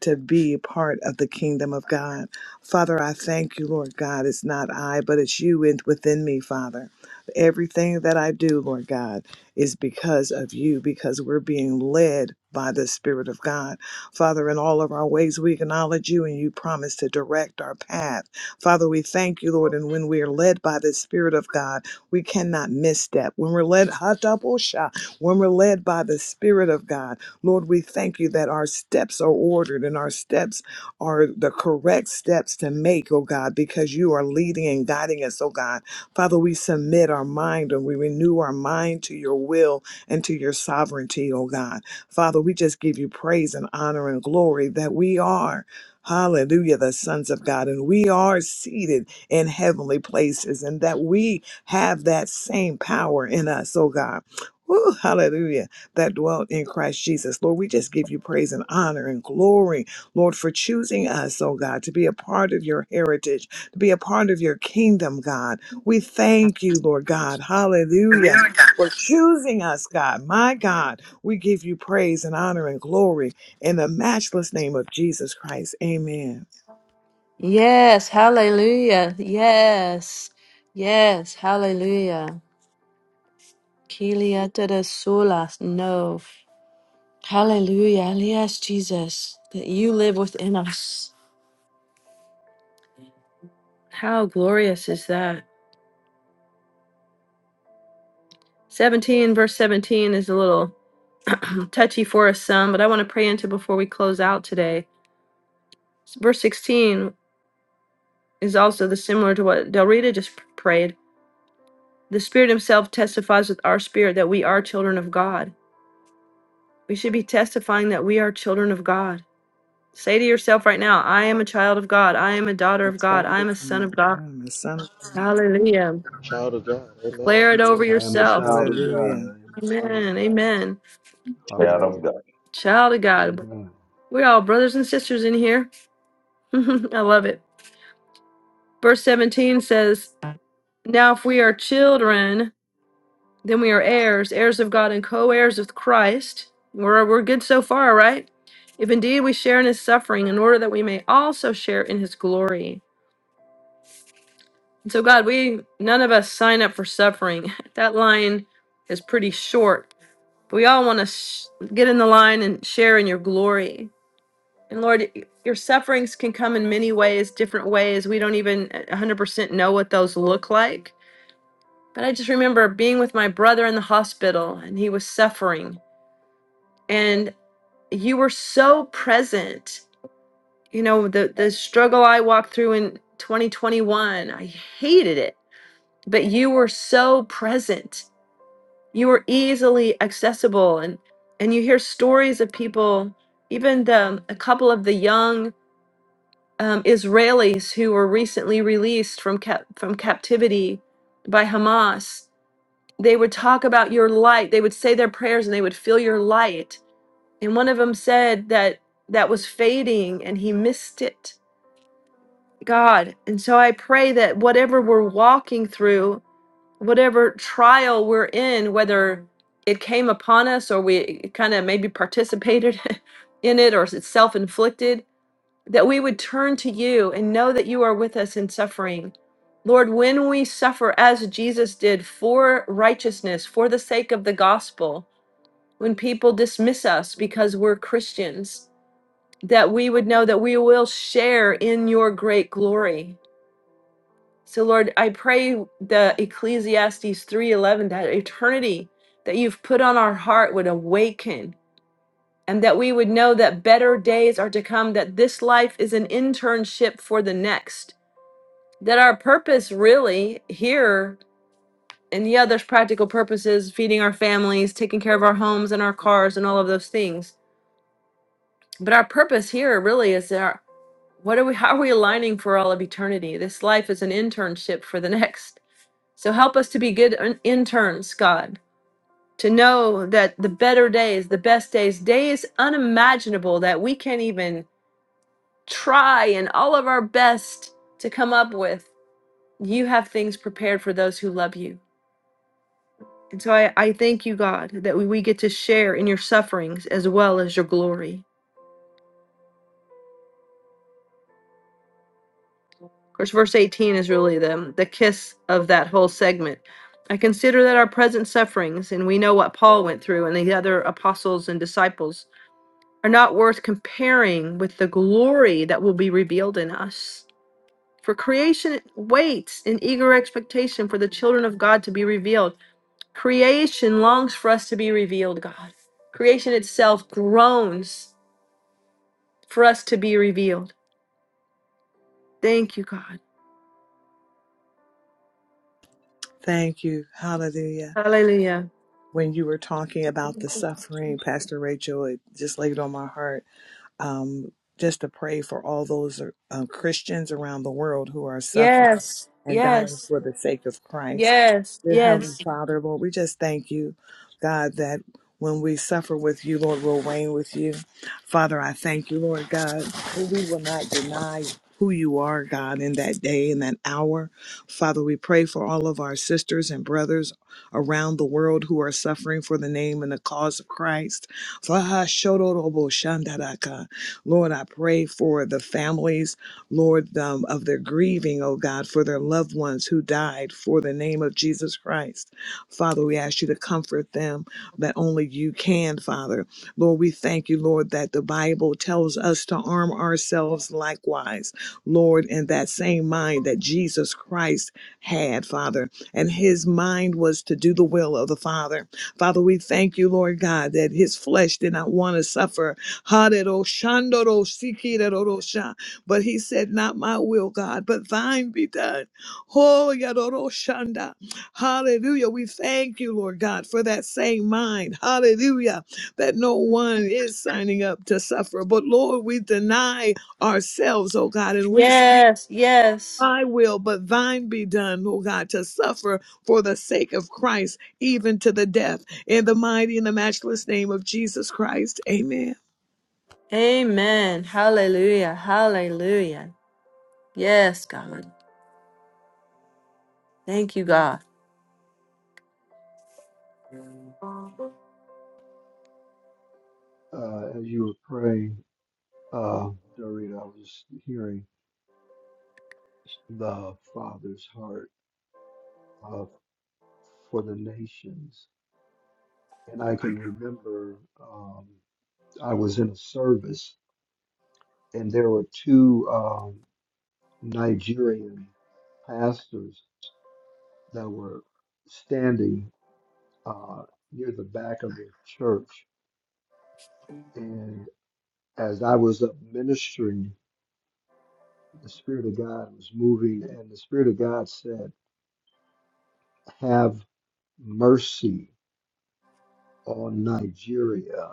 to be part of the kingdom of God. Father, I thank you, Lord God. It's not I, but it's you in, within me, Father. Everything that I do, Lord God, is because of you, because we're being led by the Spirit of God. Father, in all of our ways, we acknowledge you and you promise to direct our path. Father, we thank you, Lord, and when we are led by the Spirit of God, we cannot misstep. When we're led, when we're led by the Spirit of God, Lord, we thank you that our steps are ordered and our steps are the correct steps to make, oh God, because you are leading and guiding us, oh God. Father, we submit our mind and we renew our mind to your will and to your sovereignty, oh God. Father, we just give you praise and honor and glory that we are. Hallelujah, the sons of God, and we are seated in heavenly places, and that we have that same power in us, oh God. Woo, hallelujah that dwelt in Christ Jesus. Lord, we just give you praise and honor and glory, Lord, for choosing us, oh God, to be a part of your heritage, to be a part of your kingdom, God. We thank you, Lord God. Hallelujah. For choosing us, God. My God, we give you praise and honor and glory in the matchless name of Jesus Christ. Amen. Yes. Hallelujah. Yes. Yes. Hallelujah. Kilia de sulas. No. Hallelujah. Yes, Jesus, that you live within us. How glorious is that? 17, verse 17 is a little touchy for us some, but I want to pray into before we close out today. Verse 16 is also the similar to what Del Rita just prayed. The Spirit Himself testifies with our spirit that we are children of God. We should be testifying that we are children of God. Say to yourself right now, I am a child of God. I am a daughter The of God. child I of am a son of God, God. I'm the son of- Hallelujah. Child of Declare it over God. I am a yourself. God. child of God. Hallelujah. I am a son of Amen. God. Amen. Child of Hallelujah. God. Child of God. Amen. We're all brothers and sisters in here. I love it. Verse 17 says, Now if we are children, then we are heirs, heirs of God and co heirs with Christ. We're, we're good so far, right? If indeed we share in his suffering, in order that we may also share in his glory. And so, God, we none of us sign up for suffering. that line is pretty short. But we all want to sh- get in the line and share in your glory. And Lord, your sufferings can come in many ways, different ways. We don't even 100% know what those look like. But I just remember being with my brother in the hospital and he was suffering. And you were so present. You know, the, the struggle I walked through in 2021, I hated it, but you were so present. You were easily accessible. And, and you hear stories of people, even the, a couple of the young um, Israelis who were recently released from cap- from captivity by Hamas. They would talk about your light. They would say their prayers and they would feel your light. And one of them said that that was fading and he missed it. God. And so I pray that whatever we're walking through, whatever trial we're in, whether it came upon us or we kind of maybe participated in it or it's self inflicted, that we would turn to you and know that you are with us in suffering. Lord, when we suffer as Jesus did for righteousness, for the sake of the gospel, when people dismiss us because we're Christians, that we would know that we will share in your great glory. So Lord, I pray the Ecclesiastes 3:11 that eternity that you've put on our heart would awaken and that we would know that better days are to come that this life is an internship for the next that our purpose really here and yeah there's practical purposes feeding our families taking care of our homes and our cars and all of those things but our purpose here really is our what are we how are we aligning for all of eternity this life is an internship for the next so help us to be good in- interns god to know that the better days the best days days unimaginable that we can't even try and all of our best to come up with you have things prepared for those who love you And so I, I thank you, God, that we, we get to share in your sufferings as well as your glory. Of course, verse 18 is really the, the kiss of that whole segment. I consider that our present sufferings, and we know what Paul went through and the other apostles and disciples, are not worth comparing with the glory that will be revealed in us. For creation waits in eager expectation for the children of God to be revealed. Creation longs for us to be revealed, God. Creation itself groans for us to be revealed. Thank you, God. Thank you. Hallelujah. Hallelujah. when you were talking about the suffering, Pastor Rachel, it just laid on my heart um, just to pray for all those uh, Christians around the world who are suffering Yes, and dying yes, for the sake of Christ. yes, Dear Heavenly yes, Father, Lord, we just thank you, God, that when we suffer with you, Lord, we'll reign with you. Father, I thank you, Lord God, that we will not deny who you are, God, in that day, in that hour. Father, we pray for all of our sisters and brothers around the world who are suffering for the name and the cause of Christ. Lord, I pray for the families Lord, um, of their grieving, oh God, for their loved ones who died for the name of Jesus Christ. Father, we ask you to comfort them that only you can, Father. Lord, we thank you, Lord, that the Bible tells us to arm ourselves likewise, Lord, in that same mind that Jesus Christ had, Father. And his mind was to do the will of the Father. Father, we thank you, Lord God, that his flesh did not want to suffer. But he said, Not my will, God, but thine be done. Oh, Yadoroshanda. Hallelujah. We thank you, Lord God, for that same mind. Hallelujah. That no one is signing up to suffer. But Lord, we deny ourselves, oh God, and we say, yes, yes. I will, but thine be done, oh God, to suffer for the sake of Christ, even to the death. In the mighty and the matchless name of Jesus Christ. Amen. Amen. Hallelujah. Hallelujah. Yes, God. Thank you, God. Uh, as you were praying, uh, Dorita, I was hearing the Father's heart uh, for the nations. And I can remember um, I was in a service and there were two um, Nigerian pastors that were standing uh, near the back of the church. And as I was up ministering, the Spirit of God was moving, and the Spirit of God said, Have mercy on Nigeria.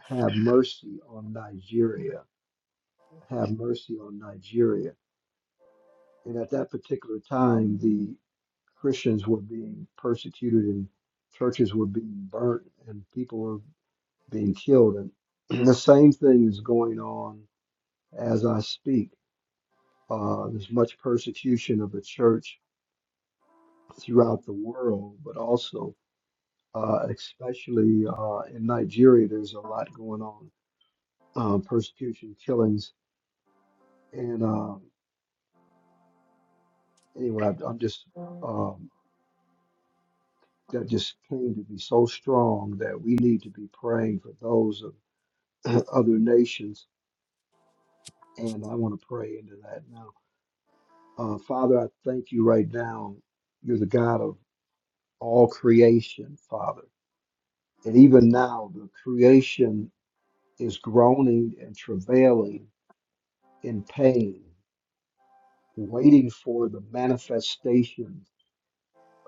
Have mercy on Nigeria. Have mercy on Nigeria. And at that particular time, the Christians were being persecuted and churches were being burnt and people were being killed. And the same thing is going on as I speak. Uh, there's much persecution of the church throughout the world, but also, uh, especially uh, in Nigeria, there's a lot going on uh, persecution, killings And um, anyway, I- I'm just um, that just came to be so strong that we need to be praying for those of other nations. And I want to pray into that now. Uh, Father, I thank you right now. You're the God of all creation, Father. And even now, the creation is groaning and travailing in pain, waiting for the manifestation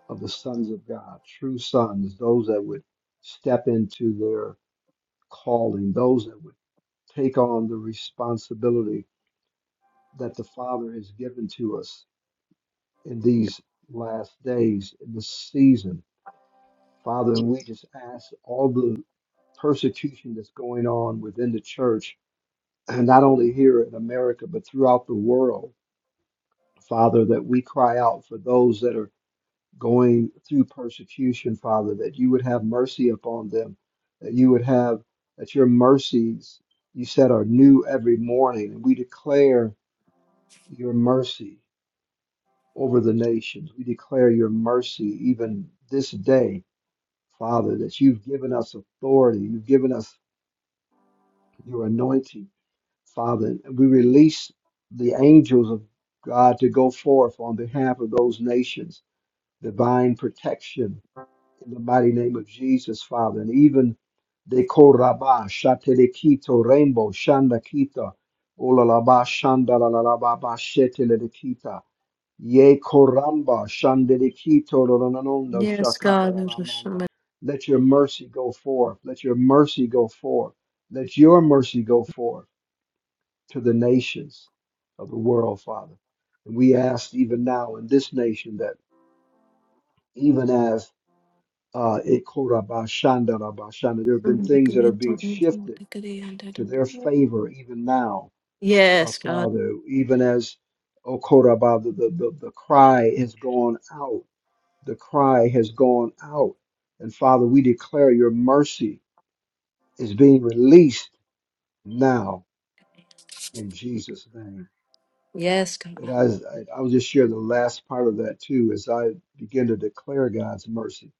of the sons of God, true sons, those that would step into their calling, those that would take on the responsibility that the Father has given to us in these last days, in this season. Father, and we just ask all the persecution that's going on within the church, and not only here in America, but throughout the world, Father, that we cry out for those that are going through persecution, Father, that you would have mercy upon them, that you would have, that your mercies you said are new every morning. And we declare your mercy over the nations. We declare your mercy even this day, Father, that you've given us authority, you've given us your anointing, Father. And we release the angels of God to go forth on behalf of those nations, divine protection in the mighty name of Jesus, Father. And even the Koraba, Shatelekito, Rainbow, Shandakita, Olalaba, Shandalalalababa, Shetelekita, Ye Koramba, Shandelekito, Roranondo, Yes, God. There's just Shakayalamanda. somebody- Let your mercy go forth. Let your mercy go forth. Let your mercy go forth to the nations of the world, Father. And we ask even now in this nation that even as uh, Ekorabashanda Rabashanda. There have been things that are being shifted to their favor even now, uh, Yes, God. Father, even as Okoraba, the, the, the, the cry has gone out. The cry has gone out. And Father, we declare your mercy is being released now in Jesus' name. Yes, God. And I, I, I'll just share the last part of that too as I begin to declare God's mercy.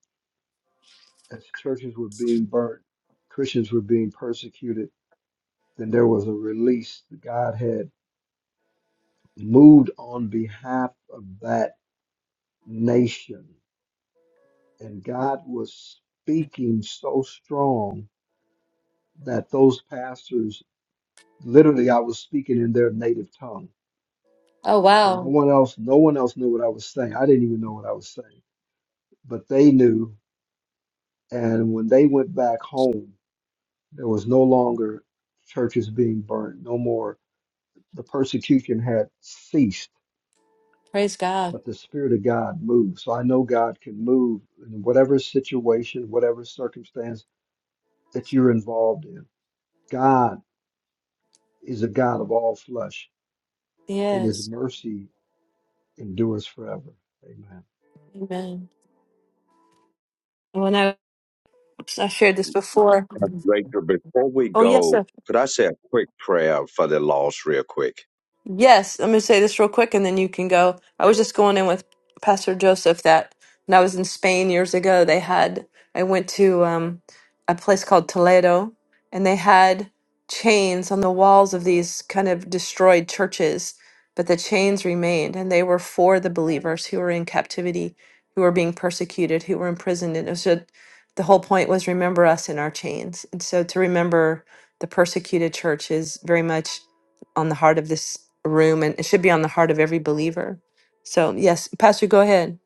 As churches were being burnt, Christians were being persecuted then there was a release. God had moved on behalf of that nation, and God was speaking so strong that those pastors literally I was speaking in their native tongue. Oh, So no wow. one else, no one else knew what I was saying. I didn't even know what I was saying, but they knew. And when they went back home, there was no longer churches being burned, no more. The persecution had ceased Praise God. but the Spirit of God moves. So I know God can move in whatever situation, whatever circumstance that you're involved in. God is a God of all flesh, and His Yes. mercy endures forever. Amen. Amen. When I, I shared this before. Rachel, before we Oh, yes, sir. go, could I say a quick prayer for the lost, real quick? Yes, I'm going to say this real quick and then you can go. I was just going in with Pastor Joseph that when I was in Spain years ago, they had, I went to um, a place called Toledo and they had chains on the walls of these kind of destroyed churches, but the chains remained and they were for the believers who were in captivity, who were being persecuted, who were imprisoned. And it was just, the whole point was remember us in our chains. And so to remember the persecuted church is very much on the heart of this room and it should be on the heart of every believer. So, yes, Pastor, go ahead.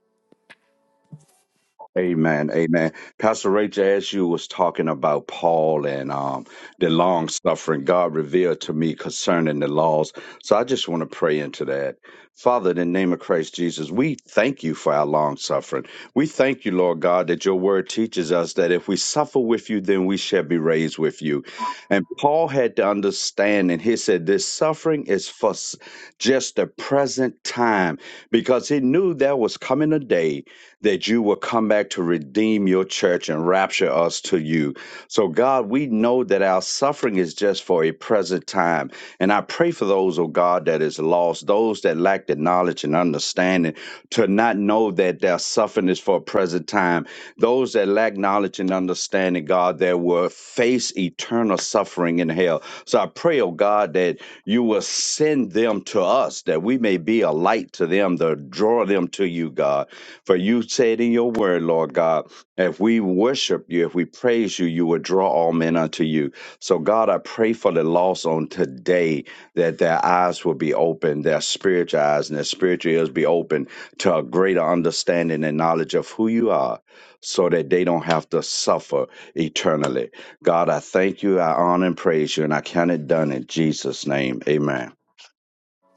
Amen. Amen. Pastor Rachel, as you was talking about Paul and um, the long suffering, God revealed to me concerning the laws. So I just want to pray into that. Father, in the name of Christ Jesus, we thank you for our long suffering. We thank you, Lord God, that your word teaches us that if we suffer with you, then we shall be raised with you. And Paul had to understand, and he said, this suffering is for s- just the present time, because he knew there was coming a day that you will come back to redeem your church and rapture us to you. So, God, we know that our suffering is just for a present time. And I pray for those, oh God, that is lost, those that lack the knowledge and understanding to not know that their suffering is for a present time. Those that lack knowledge and understanding, God, that will face eternal suffering in hell. So I pray, oh God, that you will send them to us, that we may be a light to them, to draw them to you, God. For you said in your word, Lord God, if we worship you, if we praise you, you will draw all men unto you. So, God, I pray for the lost on today that their eyes will be open, their spiritual eyes and their spiritual ears be open to a greater understanding and knowledge of who you are so that they don't have to suffer eternally. God, I thank you, I honor and praise you, and I count it done in Jesus' name. Amen.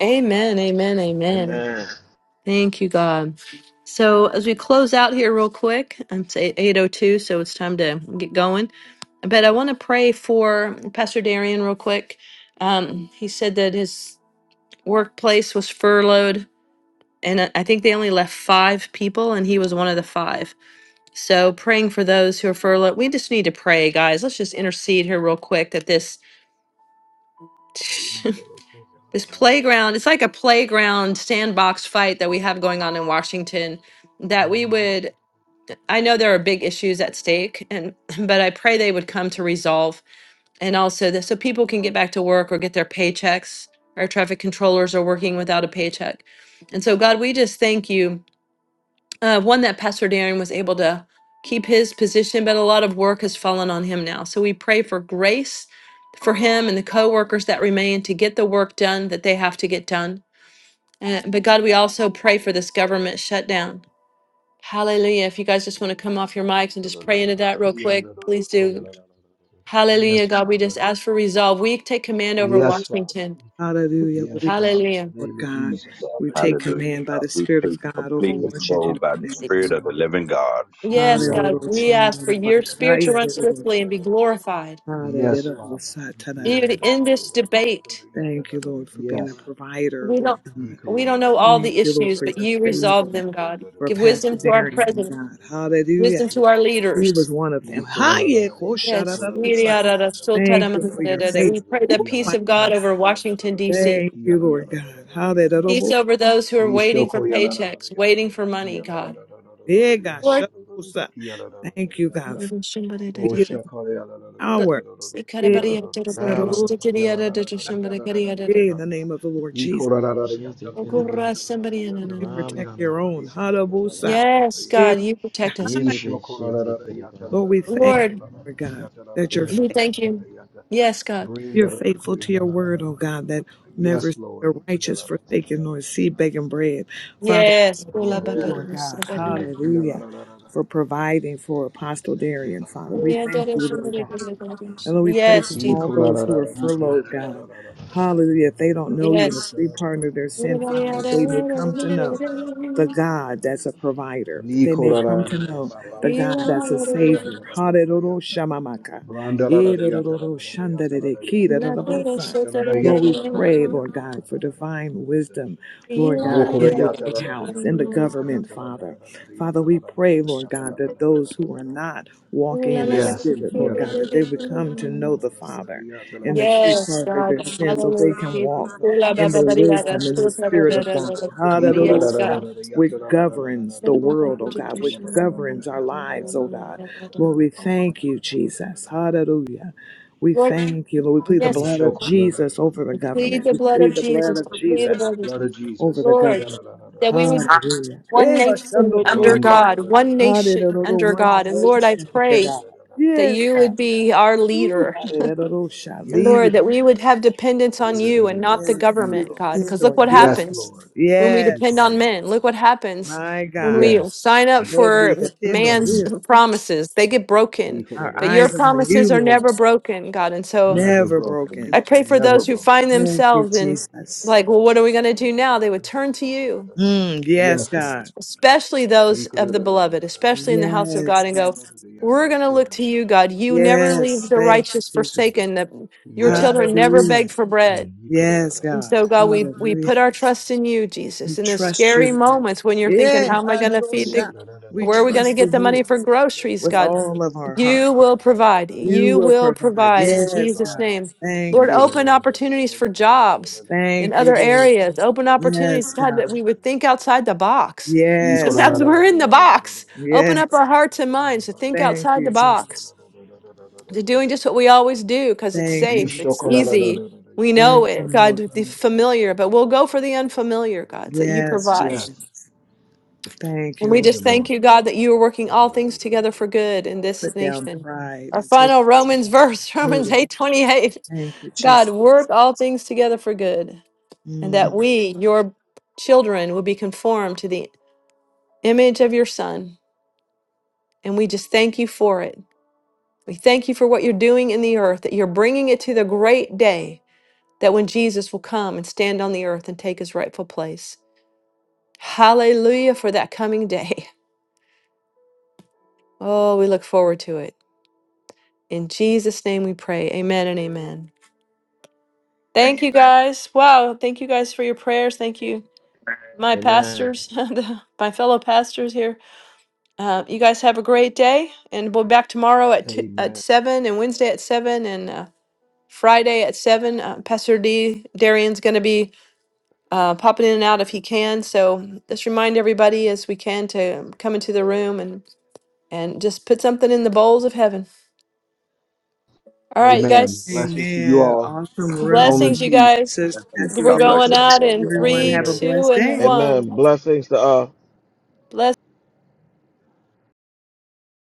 Amen, amen, amen. Amen. Thank you, God. So, as we close out here, real quick, um, it's 802, so it's time to get going. But I want to pray for Pastor Darian, real quick. Um, he said that his workplace was furloughed, and I I think they only left five people, and he was one of the five. So praying for those who are furloughed. We just need to pray, guys. Let's just intercede here real quick that this this playground, it's like a playground sandbox fight that we have going on in Washington. That we would I know there are big issues at stake and but I pray they would come to resolve and also that so people can get back to work or get their paychecks. Our traffic controllers are working without a paycheck. And so God, we just thank you Uh, one that Pastor Darren was able to keep his position, but a lot of work has fallen on him now. So we pray for grace for him and the co-workers that remain to get the work done that they have to get done. Uh, but God, we also pray for this government shutdown. Hallelujah. If you guys just want to come off your mics and just pray into that real quick, please do. Hallelujah, Yes, God. We just Father. ask for resolve. We take command over Yes, Father. Washington. Hallelujah. Yes, Father. In Hallelujah. the Lord name of God. Jesus. We take Hallelujah. command by God, the we Spirit take of God over complete Mm. Yes, control Washington by right the now in the Spirit name of of the living Jesus. God. Yes, God. Hallelujah. We ask for your spirit to run swiftly and be glorified. Father. Hallelujah. Dude, in this debate, Thank you, Lord, for being Yes. Yes. a provider, we Lord don't God. we don't know all Thank the you, Lord, issues, for but your you favor, resolve them, God. for Give Pastor wisdom to our Darian, Lord president, God. Hallelujah. wisdom to our He leaders. was one of them. Hallelujah. Yes. We pray Thank you for your favor. Oh, the peace my of God God. over Washington, D.C. Thank you, Lord God. Peace Hallelujah. over those who are Yes, waiting for paychecks, waiting for money, God. Yeah, God, Lord. shut us up. Thank you, God, for revealing But our yeah, God, shut us Yeah, in the name of the Lord Jesus. Lord, You protect your own. Hallelujah. Yes, Yeah, God, you protect us. Amen. Lord, we thank Lord, you, Lord God, that you're, We faith, thank you. Yes, God. you're faithful to your word, oh God, that never see Lord. the righteous forsaken nor see begging bread. Father, Yes. thank Yes. you, Lord God. Mm. Yeah, la, Hallelujah. la, la, la, la. For providing for Apostle Darian, Father. We thank you, Lord God. And Lord, we pray Yes, for Yeah, all Jesus. cool, those who are yeah, furloughed, God. yeah, Hallelujah. If they don't know you and the street partner of their sin, Father, yeah, that they may come to yeah, know the God that's a provider, that they cool, may come to know the Yes. God that's a savior. yeah, Hallelujah. Shamamaka. yeah, Irororo yeah, shandadede yeah, yeah, kirararabosa. yeah, Lord, we pray, yeah, Lord God, for divine wisdom, Lord God, in the White House, in the government, Father. Father, we pray, Lord God, that those who are not walking in the Yes. The Spirit, Lord God, that they would come to know the Father and the free Yes, pardon of their God. sins so they Hallelujah, can walk Jesus. Ola ba in ba ba the di da da, wisdom and so the da da spirit da of da God. da da. Yes, Hallelujah. God. Which governs the world, oh God, which governs our lives, oh God. Lord, we thank you, Jesus. Hallelujah. We Lord, thank you, Lord. We plead the yes, blood of Jesus over the I plead government. the We blood of plead the blood Jesus. of I plead the Jesus blood of blood Jesus. of over Jesus. the Lord, government. that we would be Hallelujah. one Eva nation under Ram da Shandorosa. da da God, da da da one da da nation under Hallelujah. da One da God. da. And Lord, I nation under pray God. that Yes, you would God. be our Ooh, leader. hallelujah. And Yes, Lord, Lead. that we would have dependence on you, da da you da and da not da the da. Yes, You, we government, God. Lord. depend Because look on what you. Yes, happens Lord. when we He depend Yes, called on da da men. da da Look da. what happens my when God. we Yes. sign up Lord, for we depend on man's Mm. you. promises. They get broken, He called da Our da but da your da eyes are on da da da you, promises are da da. Lord. never broken, God. And so Never Never broken. I broken. pray for Never those who broken. find Thank you, themselves in, Jesus. like, well, what are we going to do now? They would turn to you, Mm, yes, Yes, Lord. God. especially He those of called the da da da da beloved, da da da da especially in the house of Yes, God, and go, God. we're going to look to you, da God. You never da da da leave Yes, da. the thank you, righteous Jesus. forsaken. The, your Yes, children Lord. never Hallelujah. beg for bread. Provide. Yes, And God. so, God, we, we put Hallelujah. our trust in you, We Jesus, in the trust you. scary Lord. moments when you're thinking, Yeah, how am I going to feed the, hallelujah. We where are we going to trust get in the you money here for groceries, with God? all of our heart. You will provide. You You will will provide. provide in Yes, Jesus' God. name. Thank Lord, you. open opportunities for jobs in Thank you, other Lord. areas, open opportunities, Yes, God, that God. we would think outside the box. Yes, God. Sometimes we're in the box. Open up Yes. our hearts and minds to think Thank outside you, the Jesus. box they're doing just what we always do because it's Thank you, safe, Yes. Lord it's God. easy. We know Thank you, it, God, Lord the God. familiar, but we'll go for the unfamiliar, God, that you Yes, provide. Jesus. Thank And you, we Thank Lord. you, just Lord. thank you, God, that you are working all things together for good in this Put down nation. pride Our and take final Romans verse, what's Romans needed. eight twenty eight. Thank you, God, Jesus. work all things together for good, and that Mm. we, your children, will be conformed to the image of your Son. And we just thank you for it. We thank you for what you're doing in the earth, that you're bringing it to the great day that when Jesus will come and stand on the earth and take his rightful place. Hallelujah for that coming day. Oh, we look forward to it. In Jesus' name we pray. Amen and amen. Thank you guys. Wow. Thank you guys for your prayers. Thank you, my pastors, the- my fellow pastors here. Uh, you guys have a great day. And we'll be back tomorrow at, two, at Amen. 7 and Wednesday at 7 and uh, Friday at 7. Uh, Pastor D. Darian's going to be uh, popping in and out if he can. So just remind everybody as we can to come into the room and and just put something in the bowls of heaven. All right, you Amen. guys. Blessings to you Amen. all. Awesome Shalom and Blessings, you room. peace. guys. Sister Pastor We're God bless going Rachel. you. out I love in you Have all. a Everyone great three, have a day. two, blessed and day. one. Amen. Blessings to uh, Blessings.